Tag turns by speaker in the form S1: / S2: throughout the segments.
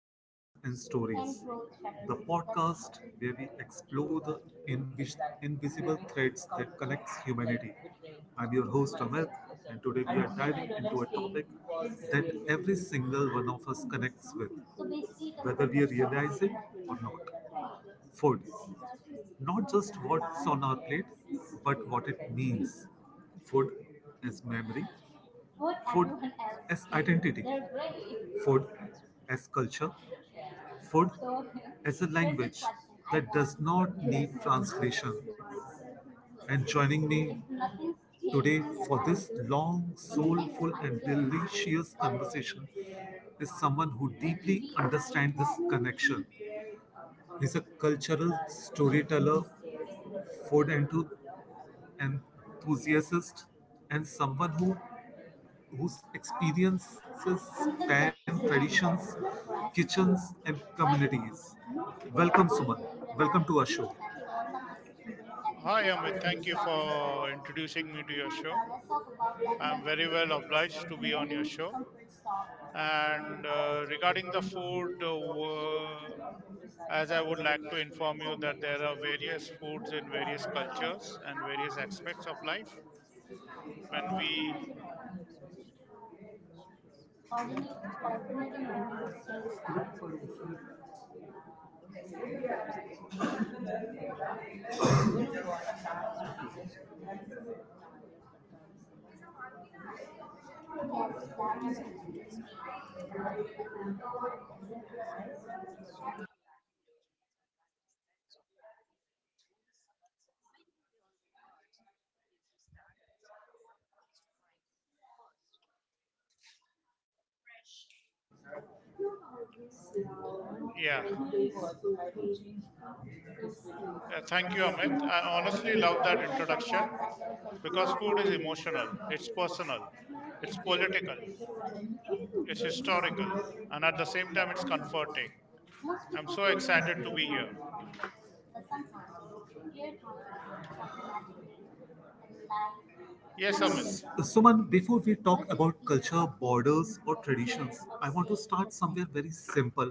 S1: Voices and Stories, the podcast where we explore the invisible threads that connects humanity. I'm your host Amit, and today we are diving into a topic that every single one of us connects with, whether we realize it or not. Food. Not just what's on our plate, but what it means. Food is memory, food is identity, food as culture, food as a language that does not need translation. And joining me today for this long, soulful, and delicious conversation is someone who deeply understands this connection. He's a cultural storyteller, food enthu- enthusiast, and someone who whose experiences span traditions, kitchens, and communities. Welcome, Suman. Welcome to our show.
S2: Hi, Amit. Thank you for introducing me to your show. I'm very well obliged to be on your show. And regarding the food, as I would like to inform you that there are various foods in various cultures and various aspects of life. Yeah. Yeah. Thank you, Amit. I honestly love that introduction. Because food is emotional, it's personal, it's political, it's historical, and at the same
S1: Thank
S2: time, it's
S1: you.
S2: comforting.
S1: Most
S2: I'm
S1: people
S2: so
S1: feel fear from
S2: excited to
S1: nature,
S2: be here.
S1: but sometimes fear comes from and life
S2: Yes, Amit.
S1: uncertainty. Suman, before we talk What is about fear culture, borders, or traditions, I want to saying start no? somewhere very simple,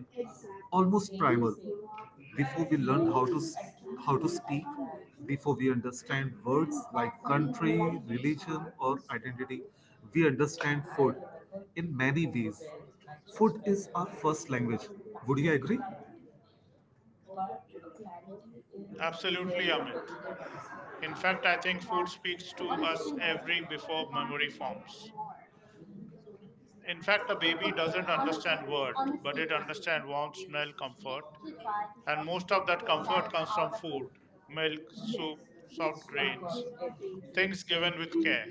S1: almost primal. Before we learn how how to speak, before we understand words like country, religion, or identity, we understand food in many ways. Food is our first language. Would you agree? But clarity is rare in
S2: Absolutely, Amit. In fact, I
S1: That once
S2: think food
S1: you
S2: speaks to
S1: know,
S2: us
S1: you
S2: every before
S1: can't
S2: memory
S1: pretend
S2: forms.
S1: anymore.
S2: In fact, a
S1: Okay,
S2: baby doesn't
S1: honestly,
S2: understand word, but
S1: honestly,
S2: it understands warmth, smell, comfort.
S1: to try
S2: And most of
S1: to
S2: that
S1: sell
S2: comfort comes from
S1: out of
S2: food,
S1: it.
S2: milk,
S1: Yes,
S2: soup, soft
S1: that's why
S2: grains,
S1: they are
S2: things
S1: dangerous.
S2: given with care.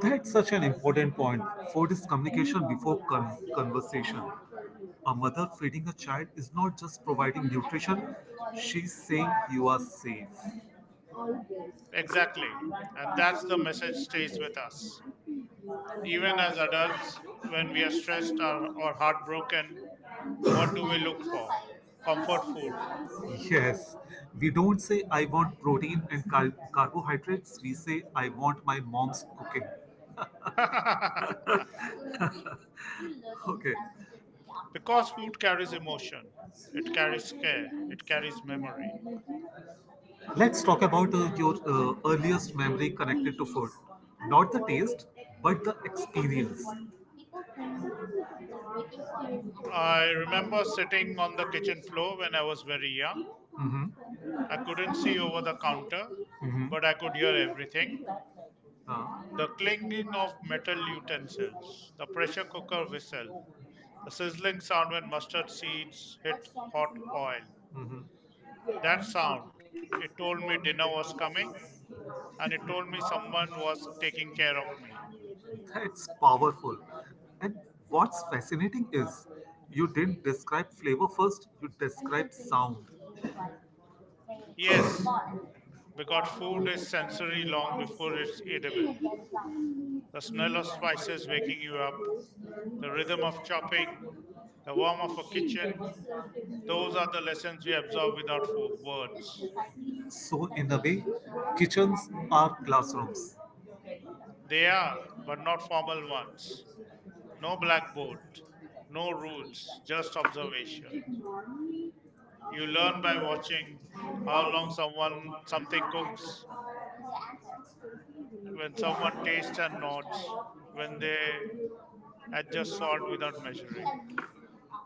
S1: That's such an important point. Food is communication before conversation. A mother feeding a child is not just providing nutrition, she's saying you are safe.
S2: Exactly. And that's the message stays with us. Even as adults, when we are stressed or heartbroken, what do we look for? Comfort food.
S1: Yes, we don't say I want protein and carbohydrates. We say I want my mom's cooking. Okay.
S2: because food carries emotion, it carries care, it carries memory.
S1: Let's talk about your earliest memory connected to food. Not the taste, but the experience.
S2: I remember sitting on the kitchen floor when I was very young.
S1: Mm-hmm.
S2: I couldn't see over the counter,
S1: Mm-hmm.
S2: but I could hear everything: the clinking of metal utensils, the pressure cooker whistle, the sizzling sound when mustard seeds hit hot oil.
S1: Uh, mm-hmm.
S2: That sound. It told
S1: Told
S2: me
S1: me
S2: dinner
S1: dinner
S2: was
S1: was coming,
S2: coming, and
S1: and
S2: it
S1: he
S2: told me
S1: told
S2: someone
S1: someone
S2: was
S1: was
S2: taking
S1: taking
S2: care of
S1: care
S2: me.
S1: of him. That's powerful. And what's fascinating is you didn't describe flavor first, you described sound.
S2: Yes,
S1: But
S2: because food
S1: two
S2: is
S1: days
S2: sensory long
S1: long
S2: before
S1: before
S2: it's
S1: it finished,
S2: edible.
S1: the
S2: The smell
S1: smell
S2: of
S1: of fire
S2: spices
S1: waking
S2: waking you up,
S1: you up, the
S2: the rhythm
S1: rhythm
S2: of
S1: of chopping,
S2: chopping, the
S1: the
S2: warmth of a kitchen,
S1: warmth of the
S2: those
S1: pan,
S2: are the lessons we absorb without words.
S1: so in a way, kitchens are classrooms.
S2: They are, but not formal ones. No blackboard, no rules, just observation. You learn by watching
S1: And
S2: how long someone
S1: what's
S2: something cooks,
S1: the efforts to be
S2: when someone tastes and
S1: the
S2: nods,
S1: style
S2: when they
S1: here
S2: adjust salt without measuring.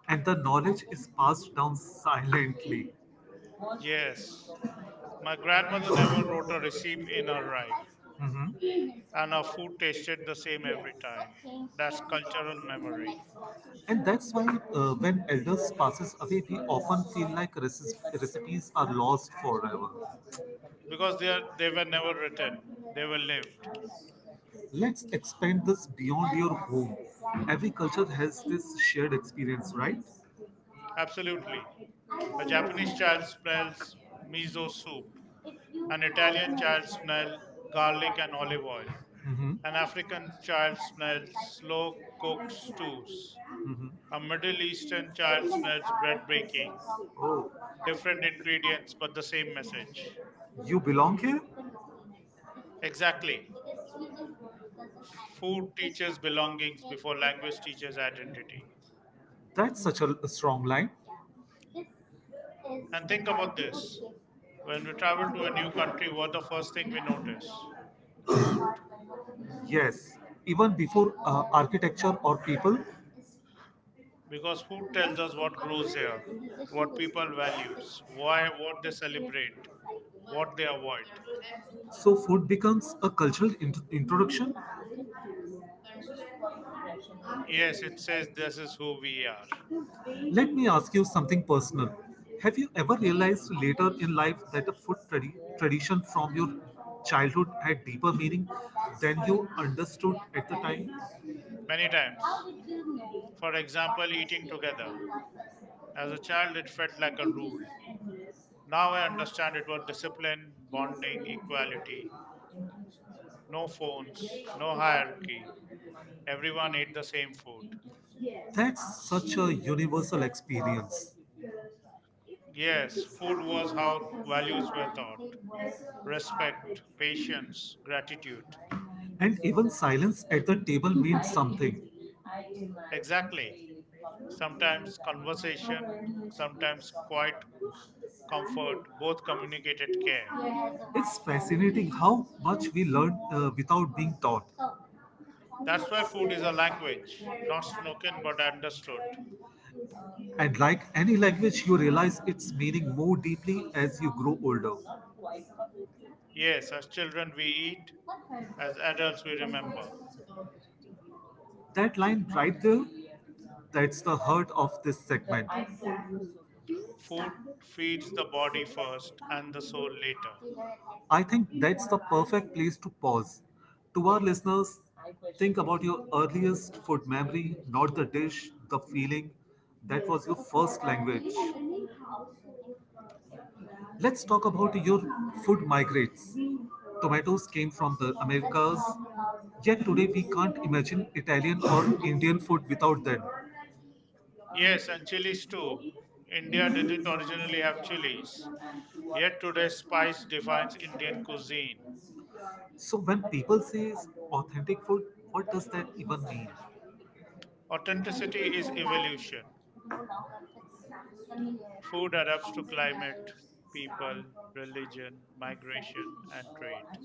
S1: And the knowledge is passed down silently. That's
S2: Yes,
S1: true.
S2: my grandmother never wrote a receipt in her life,
S1: Mhm.
S2: and her food tasted the same every time.
S1: What changed
S2: That's cultural memory
S1: and that's why when elders passes away, we often feel like recipes are lost forever.
S2: because they are, they were never written; they were lived.
S1: Let's expand this beyond your home. Every culture has this shared experience, right?
S2: Absolutely, a Japanese child smells miso soup, an Italian child smell garlic and olive oil. An African child smells slow cooked
S1: Mm-hmm.
S2: stews. A
S1: Mm-hmm.
S2: Middle Eastern child smells bread baking.
S1: Oh,
S2: Different ingredients, but the same message.
S1: you belong here?
S2: Exactly. Food teaches belongings before language teaches identity.
S1: That's such a strong line.
S2: And think about this: when we travel to a new country, what the first thing we notice? Food.
S1: Yeah. Yes, even before architecture or people.
S2: Because food tells us what grows here, what people values, why, what they celebrate, what they avoid.
S1: So food becomes a cultural introduction.
S2: Yes, it says this is who we are.
S1: Let me ask you something personal. Have you ever realized later in life that a food tradition from your childhood had deeper meaning than you understood at the time?
S2: Many times. For example, eating together. As a child, it felt like a rule. Now I understand it was discipline, bonding, equality. No phones, no hierarchy. Everyone ate the same food.
S1: That's such a universal experience.
S2: Yes, food was how values were taught: respect, patience, gratitude.
S1: And even silence at the table means something.
S2: Exactly. Sometimes conversation, sometimes quiet comfort, both communicated care.
S1: It's fascinating how much we learn without being taught.
S2: That's why food is a language, not spoken but understood.
S1: And like any language, you realize its meaning more deeply as you grow older.
S2: Yes, as children we eat, as adults we remember.
S1: That line right there, that's the heart of this segment.
S2: Food feeds the body first and the soul later.
S1: I think that's the perfect place to pause. To our listeners, think about your earliest food memory, not the dish, the feeling that was your first language. Let's talk about your food migrates. Tomatoes came from the Americas, yet today we can't imagine Italian or Indian food without them.
S2: Yes,
S1: Yes,
S2: and
S1: actually
S2: chilies
S1: it's
S2: too.
S1: true. India
S2: India didn't
S1: is
S2: originally
S1: already
S2: have
S1: up to date. Yes,
S2: chilies, yet
S1: they
S2: today spice defines
S1: can't
S2: Indian
S1: stand to say.
S2: cuisine.
S1: So when people say authentic food, what does that even mean? Authenticity
S2: Authenticity
S1: is
S2: is
S1: equally
S2: evolution.
S1: Though now it's familiar,
S2: Food adapts to
S1: true
S2: climate,
S1: like
S2: people, religion,
S1: uh,
S2: migration, and trade.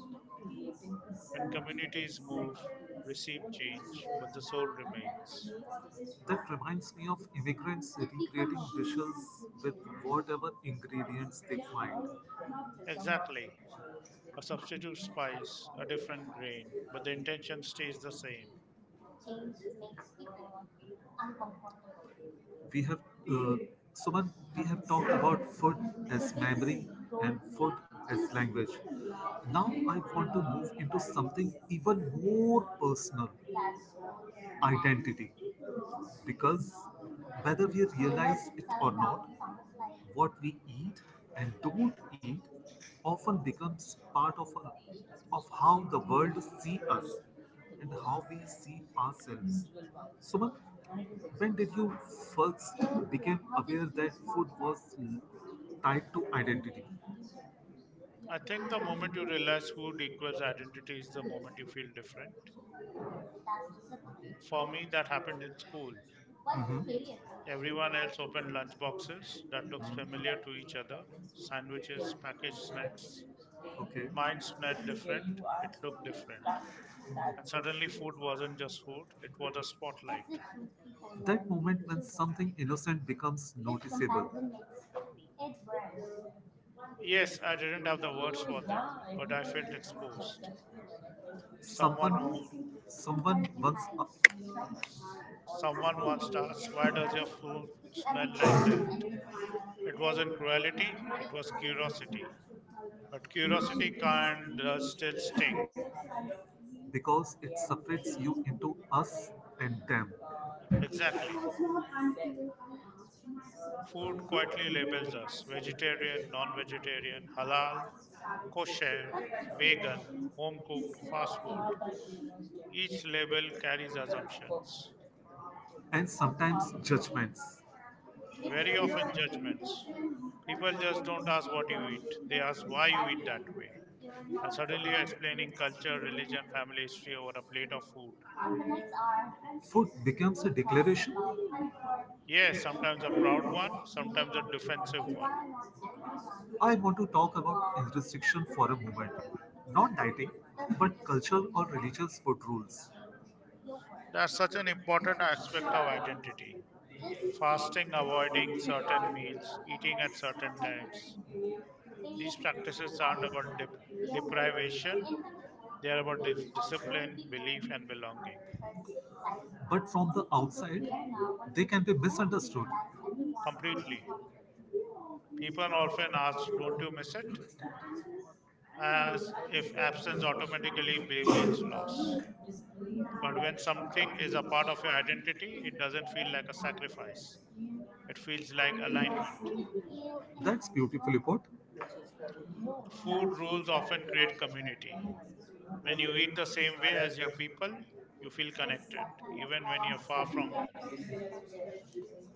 S2: When communities move,
S1: that
S2: receive change, but the soul remains.
S1: reminds me of immigrants recreating dishes with whatever ingredients they find
S2: Exactly. A substitute spice, a different grain, but the intention stays the same.
S1: change makes people uncomfortable. We have uh, Suman, we have talked about food as memory and food as language. Now I want to move into something even more personal identity. Because whether we realize it or not, what we eat and don't eat often becomes part of, our, of how the world see us and how we see ourselves. Suman, when did you first become aware that food was tied to identity?
S2: I think the moment you realize who equals identity is the moment you feel different. For me, that happened in school. Everyone else opened lunch boxes that looked
S1: Mhm.
S2: familiar to each other, sandwiches, packaged snacks.
S1: Okay.
S2: Mine smelled
S1: Where
S2: different,
S1: you
S2: it
S1: are
S2: looked different.
S1: stuck. That's
S2: And suddenly, food wasn't just food, it was a spotlight.
S1: that's the tricky thing, That and moment when to talk. Something innocent becomes this noticeable. Comparison makes it worse. Yeah,
S2: Yes, I didn't
S1: everyone
S2: have the words
S1: else
S2: for them, but I felt
S1: was
S2: exposed.
S1: successful, and I felt
S2: Someone,
S1: Someone
S2: wo-
S1: honestly someone comparison once hides so
S2: Someone once asked, "Why does your food
S1: you ever
S2: smell like
S1: pause
S2: that?"
S1: and give yourself
S2: It wasn't
S1: a
S2: cruelty;
S1: break
S2: it was
S1: to
S2: curiosity. But
S1: really
S2: curiosity
S1: really see
S2: can does still sting.
S1: because it separates you into us and them.
S2: Exactly. Food quietly labels us: vegetarian, non-vegetarian, halal, kosher, vegan, home cooked, fast food. Each label carries assumptions,
S1: And sometimes judgments.
S2: very often judgments. People just don't ask what you eat, they ask why you eat that way. And suddenly you're explaining culture, religion, family history over a plate of food.
S1: Food becomes a declaration.
S2: Yes, sometimes a proud one, sometimes a defensive one.
S1: I want to talk about restriction for a moment. Not dieting, but cultural or religious food rules.
S2: That's such an important aspect of identity. Fasting, avoiding certain meals, eating at certain times. These practices aren't about deprivation, they are about discipline, belief, and belonging.
S1: But from the outside, they can be misunderstood.
S2: Completely. People often ask, don't you miss it? As if absence automatically means loss. But when something is a part of your identity, it doesn't feel like a sacrifice. It feels like alignment.
S1: That's beautifully put.
S2: Food rules often create community. When you eat the same way as your people, you feel connected, even when you're far from home.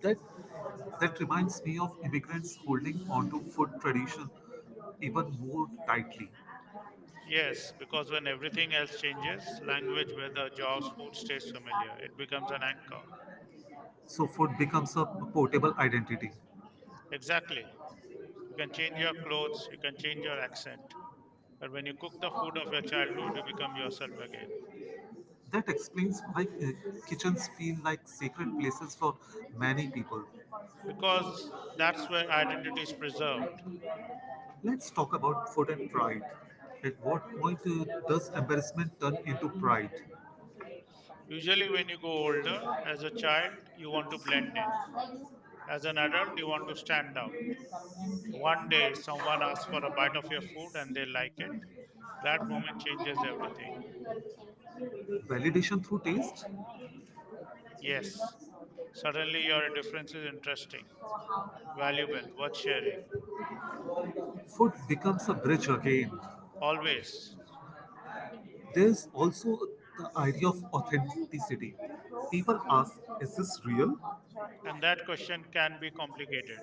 S1: That that reminds me of immigrants holding onto food tradition even more tightly.
S2: Yes, because when everything else changes language, weather, jobs, food stays familiar. It becomes an anchor.
S1: So food becomes a portable identity.
S2: Exactly. You can change your clothes, you can change your accent, but when you cook the food of your childhood, you become yourself again.
S1: That explains why kitchens feel like sacred places for many people.
S2: Because that's where identity is preserved.
S1: Let's talk about food and pride. At what point does embarrassment turn into pride?
S2: Usually, when you go older, as a child, you want to blend in. As an adult, you want to stand out.
S1: Yes,
S2: One day, someone asks for a bite of your food and they like it. That moment changes everything.
S1: validation through taste? No.
S2: Yes,
S1: Like
S2: suddenly your difference is interesting, valuable, worth sharing.
S1: food becomes a bridge again.
S2: Always.
S1: There's also the idea of authenticity. People ask, is this real?
S2: And that question can be complicated.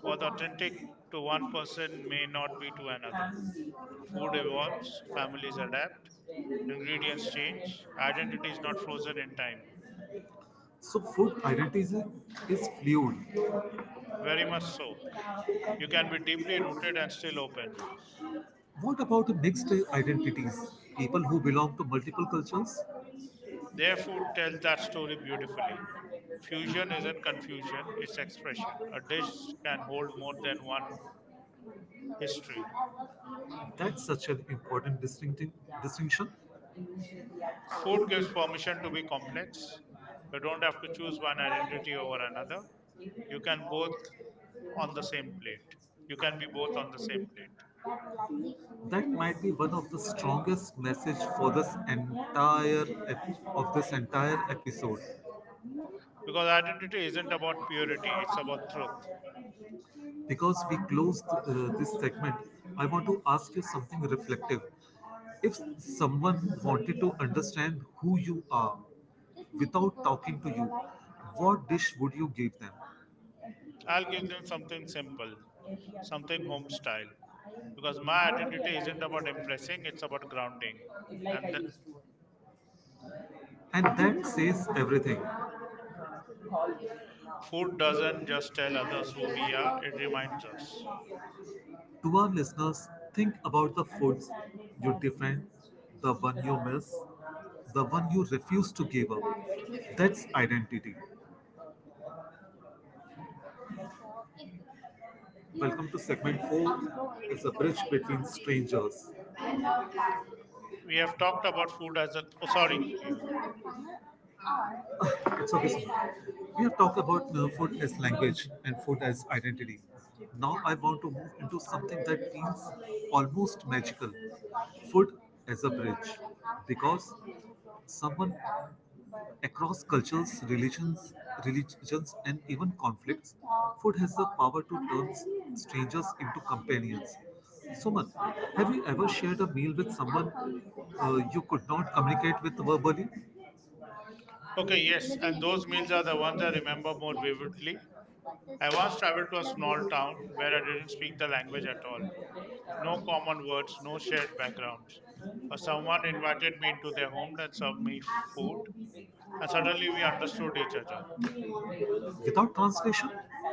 S2: What authentic to one person may not be to another. Food evolves, families adapt, ingredients change, identity is not frozen in time.
S1: So food identities is fluid.
S2: Very much so. You can be deeply rooted and still open.
S1: What about the mixed identities? People who belong to multiple cultures?
S2: Their food tells that story beautifully. Fusion isn't confusion, it's expression. A dish can hold more than one history.
S1: That's such an important distinctive distinction.
S2: Food gives permission to be complex. You don't have to choose one identity over another. You can both on the same plate. You can be both on the same plate.
S1: That might be one of the strongest message for this entire of this entire episode
S2: Because identity isn't about purity, it's about truth.
S1: because we closed this segment. I want to ask you something reflective. If someone wanted to understand who you are without talking to you, what dish would you give them?
S2: I'll give them something simple,
S1: Every other
S2: something
S1: place,
S2: home
S1: but
S2: style,
S1: I
S2: because my
S1: nobody
S2: identity
S1: alive
S2: isn't about
S1: was
S2: impressing, it's
S1: specific
S2: about grounding.
S1: to is like I
S2: And the
S1: used to. And that says everything. Always
S2: food
S1: now.
S2: doesn't just tell others who we are, it reminds us.
S1: To our listeners, think about the foods Understanding you that defend, the one you miss, the one you refuse to give up. That's identity. Welcome to segment four as a bridge between strangers. It's
S2: We have talked about food as an oh sorry yeah.
S1: okay. So we have talked about food as language and food as identity. Now I want to move into something that feels almost magical food as a bridge. Because someone across cultures, religions, and even conflicts, food has the power to turn strangers into companions. Suman, have you ever shared a meal with someone you could not communicate with verbally?
S2: Okay, yes, and those meals are the ones I remember more vividly. I once traveled to a small town where I didn't speak the language at all. No common words, no shared backgrounds. Someone invited me into their home and served me food, and suddenly we understood each other.
S1: Without translation?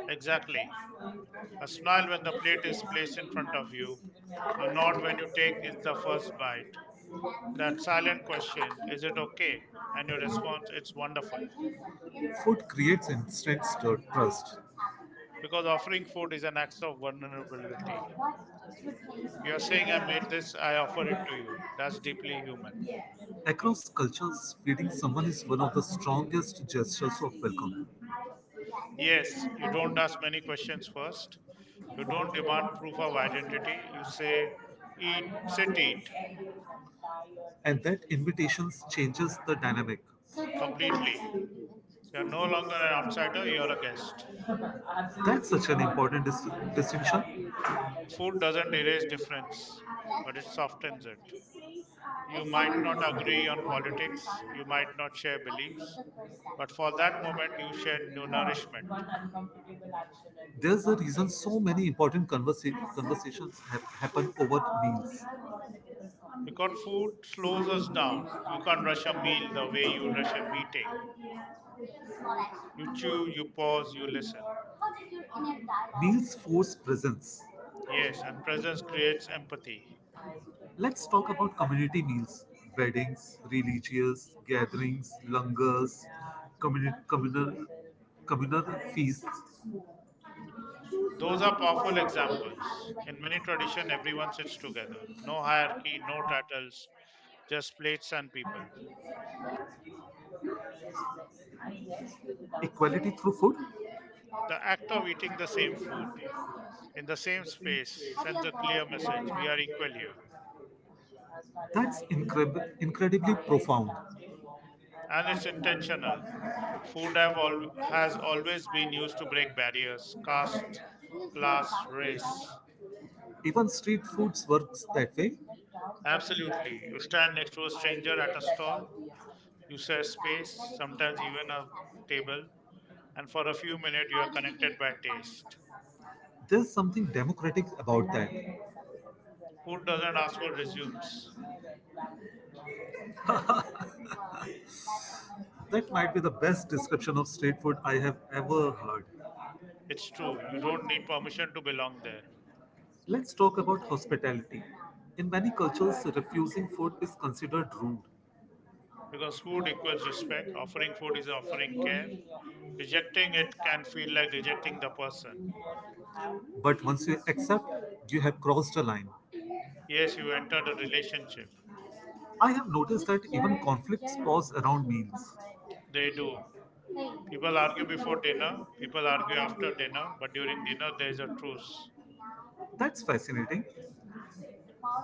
S2: Exactly. A smile when the
S1: Just
S2: plate is
S1: realize
S2: placed
S1: that
S2: in
S1: you
S2: front of
S1: have
S2: you,
S1: kids
S2: a nod when you take
S1: even
S2: is the
S1: when
S2: first bite. That silent question, is it okay? And your response, it's wonderful.
S1: food creates instant trust.
S2: Because offering food is an act of vulnerability. You're saying, I made this, I offer it to you. That's deeply human.
S1: Across cultures, feeding someone is one of the strongest gestures of welcome.
S2: Yes, you don't ask many questions first. You don't demand proof of identity. You say, eat, sit, eat
S1: And that invitations changes the dynamic.
S2: completely. You're no longer an outsider, you're a guest.
S1: That's such an important distinction.
S2: Food doesn't erase difference, but it softens it. You might not agree on politics, you might not share
S1: What's
S2: beliefs,
S1: the first
S2: but for that
S1: step?
S2: moment, you share new
S1: Uh,
S2: nourishment.
S1: One uncomfortable action at There's a one reason something so many responsible. Important conversations have happen over meals.
S2: Because food slows us down. You can't rush a meal the way you rush a meeting.
S1: Small
S2: You chew, you
S1: action.
S2: pause, you listen.
S1: How did your inner dialogue? Meals force presence.
S2: Yes, and presence creates empathy.
S1: Let's talk about community meals, weddings, religious gatherings, langars, communal communal communal feasts.
S2: Those are powerful examples. In many traditions, everyone sits together. No hierarchy, no titles, just plates and people.
S1: Equality through food?
S2: The act of eating the same food in the same space sends a clear message: we are equal here.
S1: That's incredibly profound.
S2: And it's intentional. Food have has always been used to break barriers, caste, class, race.
S1: Even street foods works that way.
S2: Absolutely. You stand next to a
S1: I
S2: stranger at
S1: regret
S2: a
S1: that
S2: stall,
S1: doubt yes.
S2: you share space,
S1: How do
S2: sometimes even a table, and for a few minutes you are connected by taste.
S1: There's something democratic about that.
S2: Food doesn't ask for resumes.
S1: That might be the best description of street food I have ever heard. So
S2: It's true, you don't need permission to belong there
S1: let's talk about hospitality. In many cultures, refusing food is considered rude.
S2: because food equals respect. Offering food is offering care. Rejecting it can feel like rejecting the person.
S1: But once you accept, you have crossed a line.
S2: Yes, you entered a relationship.
S1: I have noticed that even conflicts pause around meals.
S2: They do. People argue before dinner, people argue after dinner, but during dinner there is a truce.
S1: That's fascinating.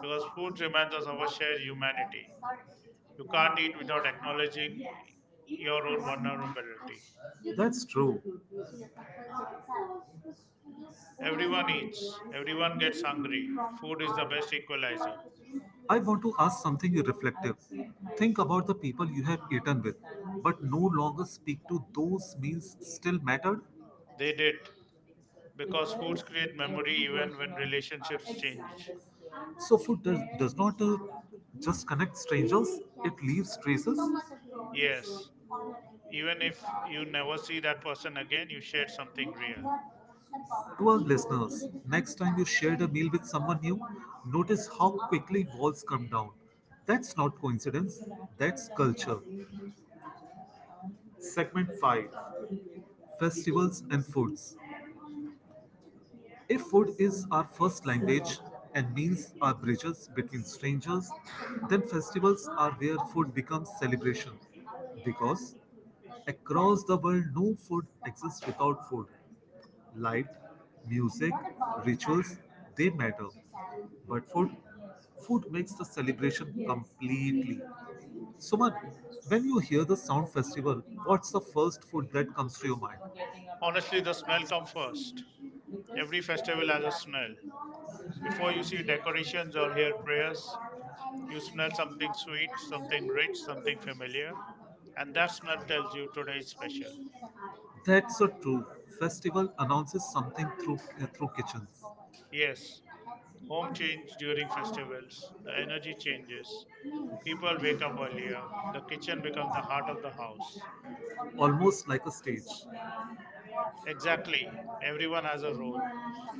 S2: Because food reminds us of our shared humanity. You can't eat without acknowledging your own vulnerability.
S1: That's true.
S2: Everyone eats, everyone gets hungry. Food is the best equalizer.
S1: I want to ask something reflective. Think about the people you have eaten with, but no longer speak to those meals still mattered?
S2: They did, because
S1: Because
S2: foods create memory
S1: every
S2: even
S1: version
S2: when
S1: of us
S2: relationships change.
S1: changes. So, food does not just connect strangers, it leaves traces.
S2: Yes, even if you never see that person again, you shared something real.
S1: To our listeners, next time you shared a meal with someone new, notice how quickly walls come down. That's not coincidence, that's culture. Segment 5 Festivals and Foods. If food is our first language and meals are bridges between strangers, then festivals are where food becomes celebration. Because across the world, no food exists without food. Light, music, rituals, they matter. But food makes the celebration completely. Suman, when you hear the sound festival, what's the first food that comes to your mind?
S2: Honestly, the smell comes first. Every festival has a smell. Before you see decorations or hear prayers, you smell something sweet, something rich, something familiar, and that smell tells you today is special.
S1: That's so true. Festival announces something through through kitchens.
S2: Yes, home change during festivals, the energy changes, people wake up earlier, the kitchen becomes the heart of the house.
S1: Almost like a stage.
S2: Exactly, everyone has a role.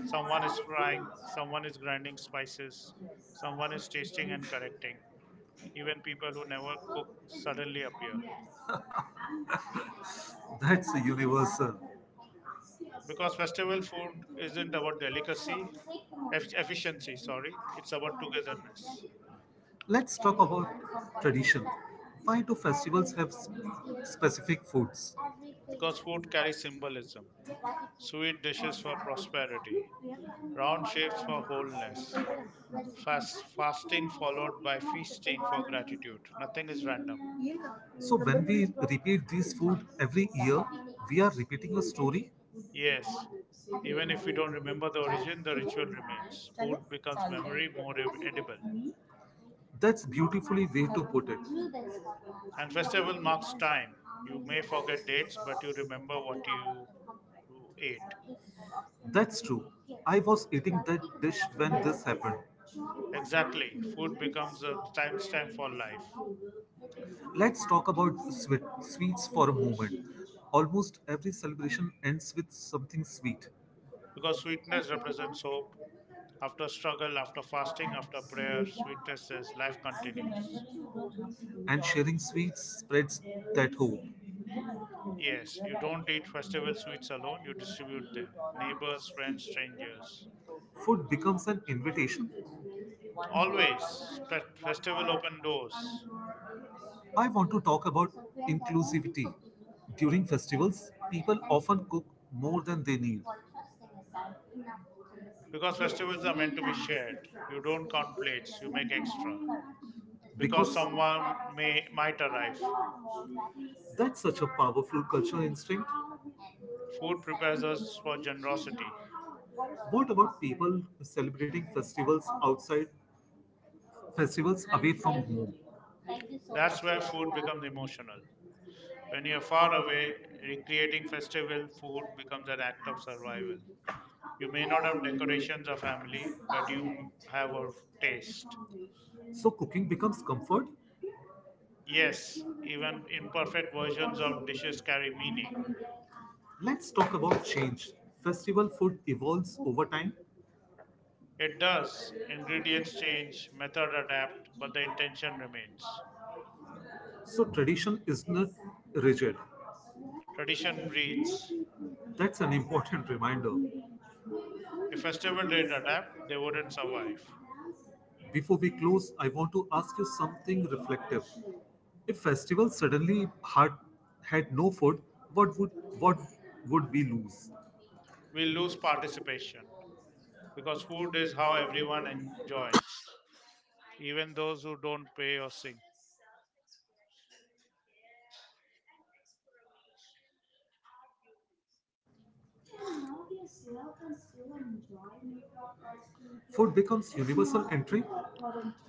S2: Someone is frying, someone is grinding spices, someone is tasting and correcting. Even people who never cook suddenly appear.
S1: That's a universal.
S2: Because festival food isn't about delicacy, efficiency, sorry, it's about togetherness.
S1: Let's talk about tradition. Why do festivals have specific foods?
S2: Because food carries symbolism. Sweet dishes for prosperity, round shapes for wholeness. Fast, fasting followed by feasting for gratitude. Nothing is random.
S1: So when we repeat this food every year, we are repeating a story.
S2: Yes, even if we don't remember the origin, the ritual remains. Food becomes
S1: चालते
S2: memory more edible.
S1: that's beautifully way to put it.
S2: And festival marks time. You may forget dates, but you remember what you ate.
S1: That's true. I was eating that dish when this happened.
S2: Exactly. Food becomes a timestamp for life.
S1: Let's talk about sweets for a moment. Almost every celebration ends with something sweet.
S2: Because sweetness represents hope. After struggle, after fasting, after
S1: Yeah,
S2: prayer, sweetness says life
S1: and remembering
S2: continues.
S1: you don't have to do And all. Sharing sweets spreads that hope. Yeah, you're,
S2: Yes,
S1: right.
S2: you
S1: Remembering that
S2: don't eat
S1: you
S2: festival
S1: don't
S2: sweets alone,
S1: have
S2: you
S1: to do it all alone.
S2: distribute
S1: You
S2: them.
S1: don't
S2: Neighbors,
S1: have to
S2: friends,
S1: be
S2: strangers.
S1: perfect. Food becomes an invitation. One day, one
S2: Always,
S1: action, one
S2: festival
S1: thought.
S2: open doors
S1: I want to talk about inclusivity. During festivals, people often cook more than they need.
S2: because festivals are meant to be shared. You don't
S1: Yes.
S2: count plates, you make extra because
S1: Because
S2: someone may might arrive.
S1: that's such a powerful cultural instinct.
S2: Food prepares us for generosity.
S1: What about people celebrating festivals outside, festivals away from home?
S2: That's where food becomes emotional. When you're far away, recreating festival food becomes an act of survival. You may not have decorations or family, but you have a taste.
S1: So cooking becomes comfort?
S2: Yes, even imperfect versions of dishes carry meaning.
S1: Let's talk about change. Festival food evolves over time,
S2: It does. Ingredients change, method adapt, but the intention remains.
S1: so tradition is not rigid.
S2: Tradition breathes.
S1: That's an important reminder.
S2: If festival didn't adapt, they wouldn't survive.
S1: Before we close, I want to ask you something reflective. If festival suddenly had no food, what would what would we lose?
S2: We lose participation because
S1: Food
S2: food is
S1: is
S2: how
S1: how
S2: everyone
S1: everyone works.
S2: joins, even those who don't pay or sing.
S1: Food becomes universal entry.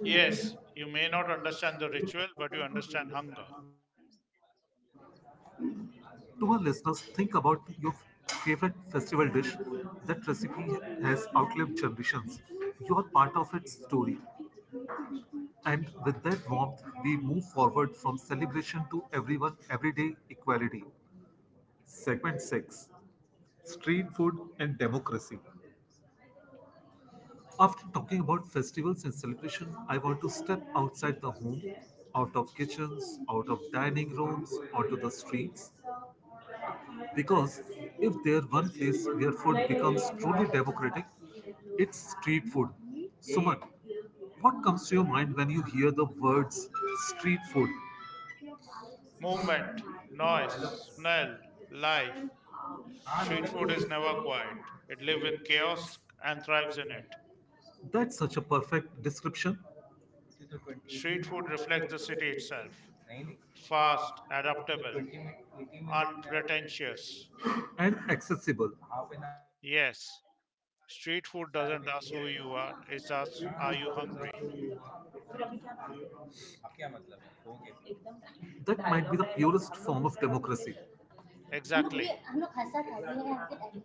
S1: Yes,
S2: Yes, you
S1: you
S2: may
S1: may
S2: not
S1: not
S2: understand
S1: understand
S2: the
S1: the
S2: ritual,
S1: rituals,
S2: but
S1: but
S2: you
S1: you
S2: understand
S1: understand how
S2: hunger.
S1: much. To our listeners, think about your favorite festival dish. That recipe has outlived generations. You are part of its story. And with that warmth, we move forward from celebration to everyone, everyday equality. Segment 6. Street Food and Democracy. After talking about festivals and celebration, I want to step outside the home, out of kitchens, out of dining rooms, onto the streets. Because if there's one place where food becomes truly democratic, it's street food. Suman, what comes to your mind when you hear the words street food?
S2: Movement, noise, smell, life. Street food is never quiet. It lives in chaos and thrives in it.
S1: That's such a perfect description. To 20.
S2: Street
S1: Street
S2: food
S1: food
S2: reflects the
S1: reflects the
S2: city
S1: city.
S2: itself.
S1: 90.
S2: Fast,
S1: So
S2: adaptable,
S1: 20 minute 80 minute
S2: unpretentious.
S1: and accessible. Half an hour we need, yes.
S2: Yes, street
S1: Street food
S2: food doesn't
S1: doesn't
S2: ask
S1: last
S2: who you
S1: you.
S2: are, it asks, are you hungry?
S1: अब क्या मतलब है हो गया. That might be the purest form of democracy. हम लोग भी हम लोग हंसा था we
S2: Exactly.
S1: Have that attitude.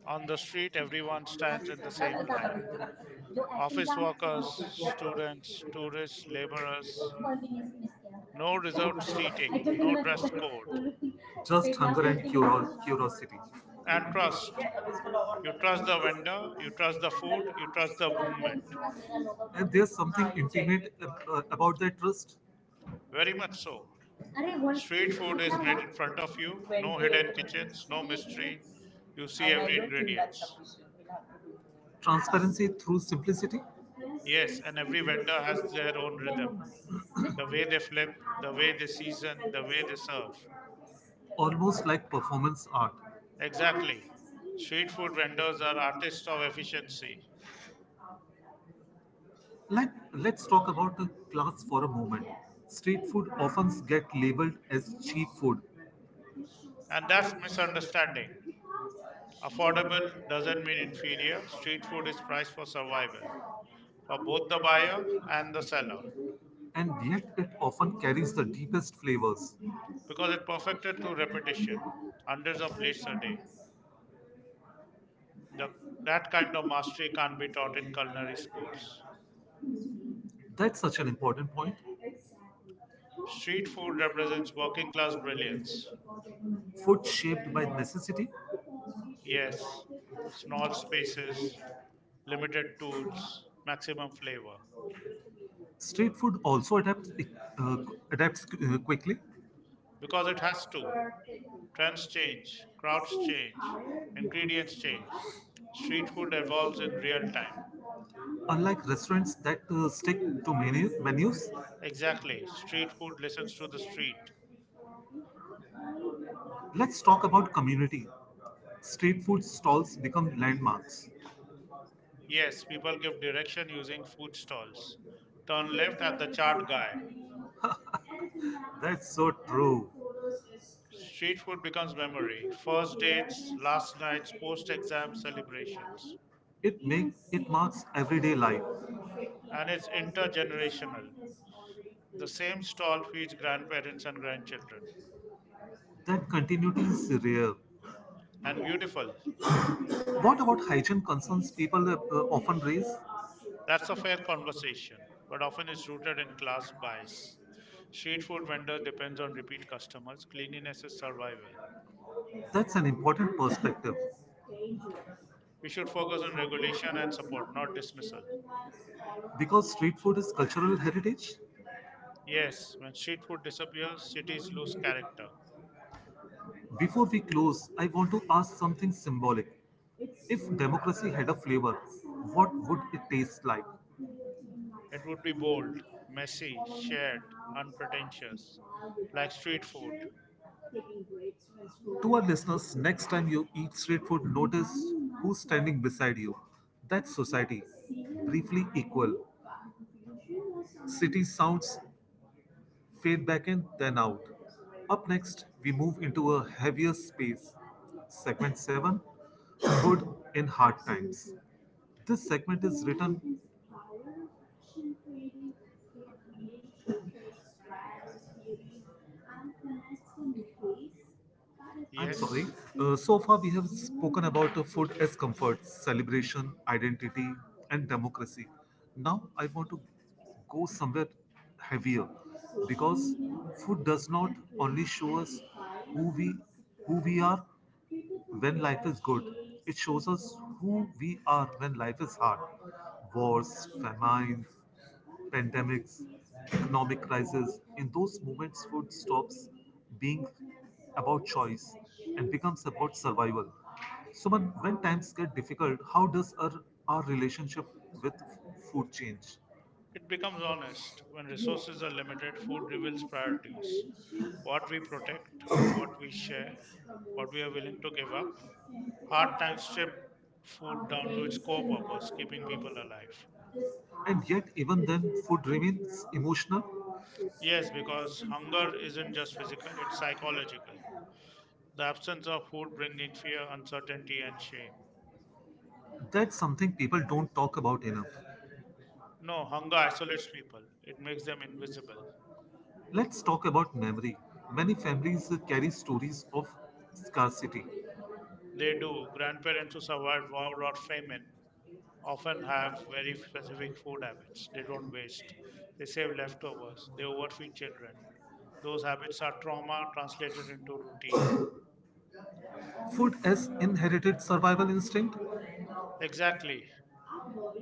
S2: On
S1: On
S2: the
S1: the हाँ,
S2: street,
S1: street सब and
S2: everyone
S1: then बता रही
S2: stands in
S1: the
S2: the same
S1: हूँ। जो
S2: line.
S1: एक्टिंग किया हम लोग सब
S2: Office
S1: office
S2: workers,
S1: workers, students,
S2: students, tourists,
S1: they एक were- कॉल भी
S2: laborers,
S1: नहीं मिस किया.
S2: no
S1: No, they
S2: reserved
S1: were- I don't
S2: seating,
S1: no that
S2: no dress
S1: हम
S2: code.
S1: लोग. Just hunger and curiosity.
S2: And
S1: And trust. ठीक
S2: trust.
S1: है अब इसको लॉग आउट
S2: You
S1: कर लो.
S2: trust the
S1: Trust the please
S2: vendor, you
S1: writer,
S2: trust the
S1: trust the- कर
S2: food,
S1: लो
S2: you trust
S1: please।
S2: the
S1: फिर आपको
S2: movement.
S1: इंसिवा मेरा लोगो. And there's something intimate about that trust.
S2: Very much so.
S1: अरे वन
S2: Street food
S1: कितना
S2: is made
S1: हुआ.
S2: in front of you, no hidden
S1: 28
S2: kitchens, no mystery.
S1: minutes,
S2: You see
S1: and I
S2: every
S1: don't think that's
S2: ingredients.
S1: sufficient. We'll have to do more. Transparency through simplicity?
S2: Yes, and every vendor has their own
S1: Never
S2: rhythm. The way
S1: mind.
S2: they flip, the way they season, the way they serve.
S1: Almost like performance art.
S2: Exactly. Street food vendors are artists of efficiency.
S1: Let's talk about the class for a moment. Street food often get labeled as cheap food.
S2: And that's misunderstanding. Affordable doesn't mean inferior. Street food is priced for survival for both the buyer and the seller
S1: And yet it often carries the deepest flavors.
S2: because it perfected through repetition, hundreds of plates a day. The, that kind of mastery can't be taught in culinary schools.
S1: That's such an important point.
S2: Street food represents working class brilliance.
S1: Food shaped by necessity.
S2: Yes, small spaces, limited tools, maximum flavor.
S1: Street food also uh, adapts quickly.
S2: Because it has to. Trends change, crowds change, ingredients change. Street food evolves in real time.
S1: Unlike restaurants that stick to menus,
S2: Exactly. Street food listens to the street.
S1: let's talk about community. Street food stalls become landmarks.
S2: Yes, people give direction using food stalls. Turn left at the chart guy.
S1: That's so true.
S2: Street food becomes memory. First dates, last nights, post exam celebrations.
S1: It makes it marks everyday life.
S2: And it's intergenerational. The same stall feeds grandparents and grandchildren.
S1: That continuity is rare.
S2: And beautiful.
S1: What about hygiene concerns people often raise? That's
S2: That's a
S1: a
S2: fair
S1: fair conversation.
S2: conversation, but often
S1: Often
S2: it's rooted in
S1: it's
S2: class
S1: a
S2: bias. Street
S1: street
S2: food
S1: food
S2: vendor
S1: vendor
S2: depends on
S1: because.
S2: repeat customers. Cleanliness is survival.
S1: That's an important perspective
S2: We should focus on regulation and support, not dismissal.
S1: because street food is cultural heritage.
S2: Yes, when street food disappears, cities lose character.
S1: Before we close, I want to ask something symbolic. If democracy had a flavor, what would it taste like?
S2: It would be bold, messy, shared, unpretentious, like street food.
S1: To our listeners, next time you eat street food, notice who's standing beside you. That's society, briefly equal. City sounds fade back in, then out. Up next, we move into a heavier space. Segment 7. Food in Hard Times. This segment is written. I'm sorry.
S2: Yes,
S1: So far, we have spoken about food as comfort, celebration, identity, and democracy. Now, I want to go somewhere heavier, because food does not only show us who we who we are when life is good; it shows us who we are when life is hard. Wars, famines, pandemics, economic crisis. In those moments, food stops being about choice and becomes about survival. So, when times get difficult, how does our relationship with food change?
S2: it becomes honest when resources are limited. Food reveals priorities what we protect, what we share, what we are willing to give up. Hard times strip food down to its core purpose keeping people alive.
S1: And yet, even then, food remains emotional.
S2: Yes, because hunger isn't just physical, it's psychological. The absence of food bringing fear, uncertainty, and shame.
S1: That's something people don't talk about enough.
S2: No, hunger isolates people, it makes them invisible.
S1: Let's talk about memory. Many families carry stories of scarcity.
S2: They do. Grandparents who survived war or famine often have very specific food habits. They don't waste. They save leftovers. They overfeed children. Those habits are trauma translated into routine.
S1: Food as inherited survival instinct.
S2: Exactly.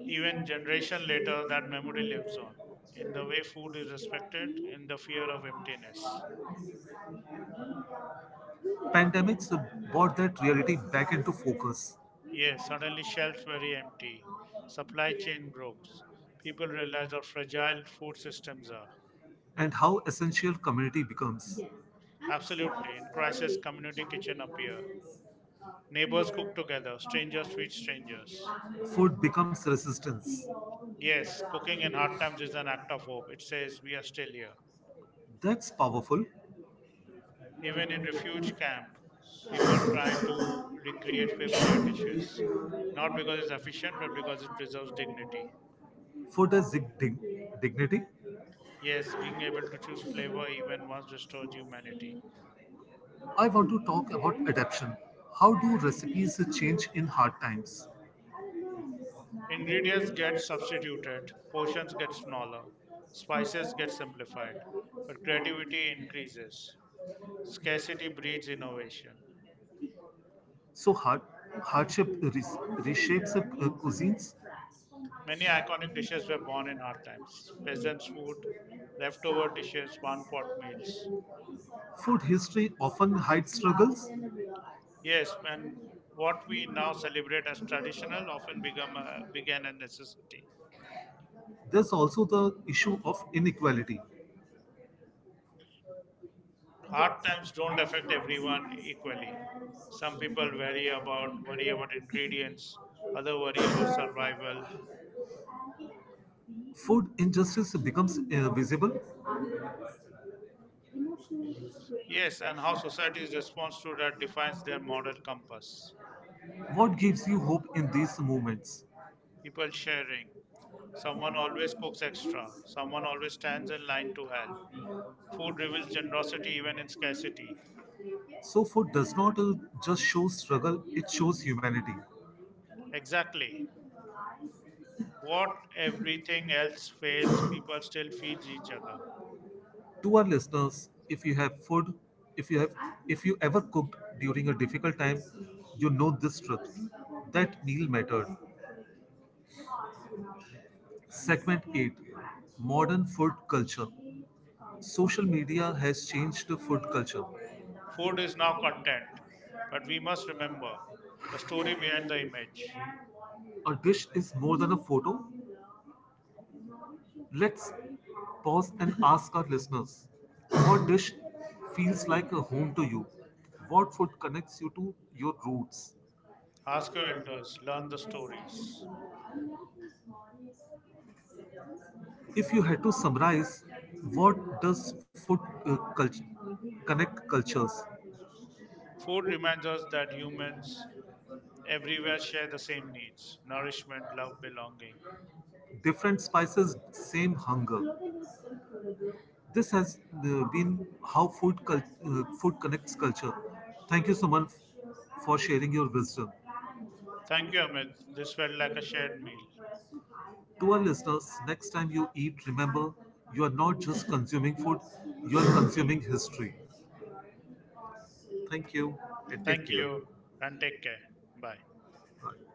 S2: Even generation later, that memory lives on in the way food is respected, in the fear of emptiness.
S1: Pandemics brought that reality back into focus,
S2: Yes, suddenly shelves were empty. Supply chain broke. People realized how fragile food systems are.
S1: and how essential community becomes.
S2: Absolutely. In crisis, community kitchen appear. Neighbors cook together. Strangers feed strangers.
S1: Food becomes resistance.
S2: Yes, cooking in hard times is an act of hope. It says we are still here.
S1: That's powerful.
S2: Even in refuge camp, people try to recreate familiar dishes. Not because it's efficient, but because it preserves dignity.
S1: Food has dignity.
S2: Yes, being able to choose flavor even once restores humanity.
S1: I want to talk about adaptation. How do recipes change in hard times?
S2: Ingredients get substituted, portions get smaller, spices get simplified, but creativity increases. Scarcity breeds innovation.
S1: So hardship reshapes cuisines.
S2: Many iconic dishes were born in hard times. Peasants' food leftover dishes, one pot meals.
S1: Food history often hides struggles.
S2: Yes, when what we now celebrate as traditional often began a necessity.
S1: There's also the issue of inequality.
S2: Hard times don't affect everyone equally. Some people worry about ingredients, other worry about survival.
S1: Food injustice becomes visible.
S2: Yes, and how society's response to that defines their moral compass.
S1: What gives you hope in these moments?
S2: People sharing. Someone always cooks extra. Someone always stands in line to help. Food reveals generosity even in scarcity.
S1: So food does not just show struggle, it shows humanity.
S2: Exactly. What everything else fails, people still feed each other.
S1: To our listeners, if you have food, if you have if you ever cooked during a difficult time, you know this truth. That meal mattered. Segment 8. Modern Food Culture. Social media has changed the food culture.
S2: Food is now content, but we must remember the story behind the image.
S1: A dish is more than a photo. Let's pause and ask our listeners, what dish feels like a home to you? What food connects you to your roots?
S2: Ask your elders, learn the stories.
S1: If you had to summarize, what does food uh, cult- connect cultures?
S2: Food reminds us that humans everywhere share the same needs nourishment, love, belonging.
S1: Different spices, same hunger. This has been how food connects culture. Thank you, Suman, for sharing your wisdom.
S2: Thank you, Amit. This felt like a shared meal.
S1: To our listeners, next time you eat, remember you are not just consuming food; you are consuming history. Thank you and take
S2: Thank
S1: care.
S2: you and take care. Bye.
S1: Bye.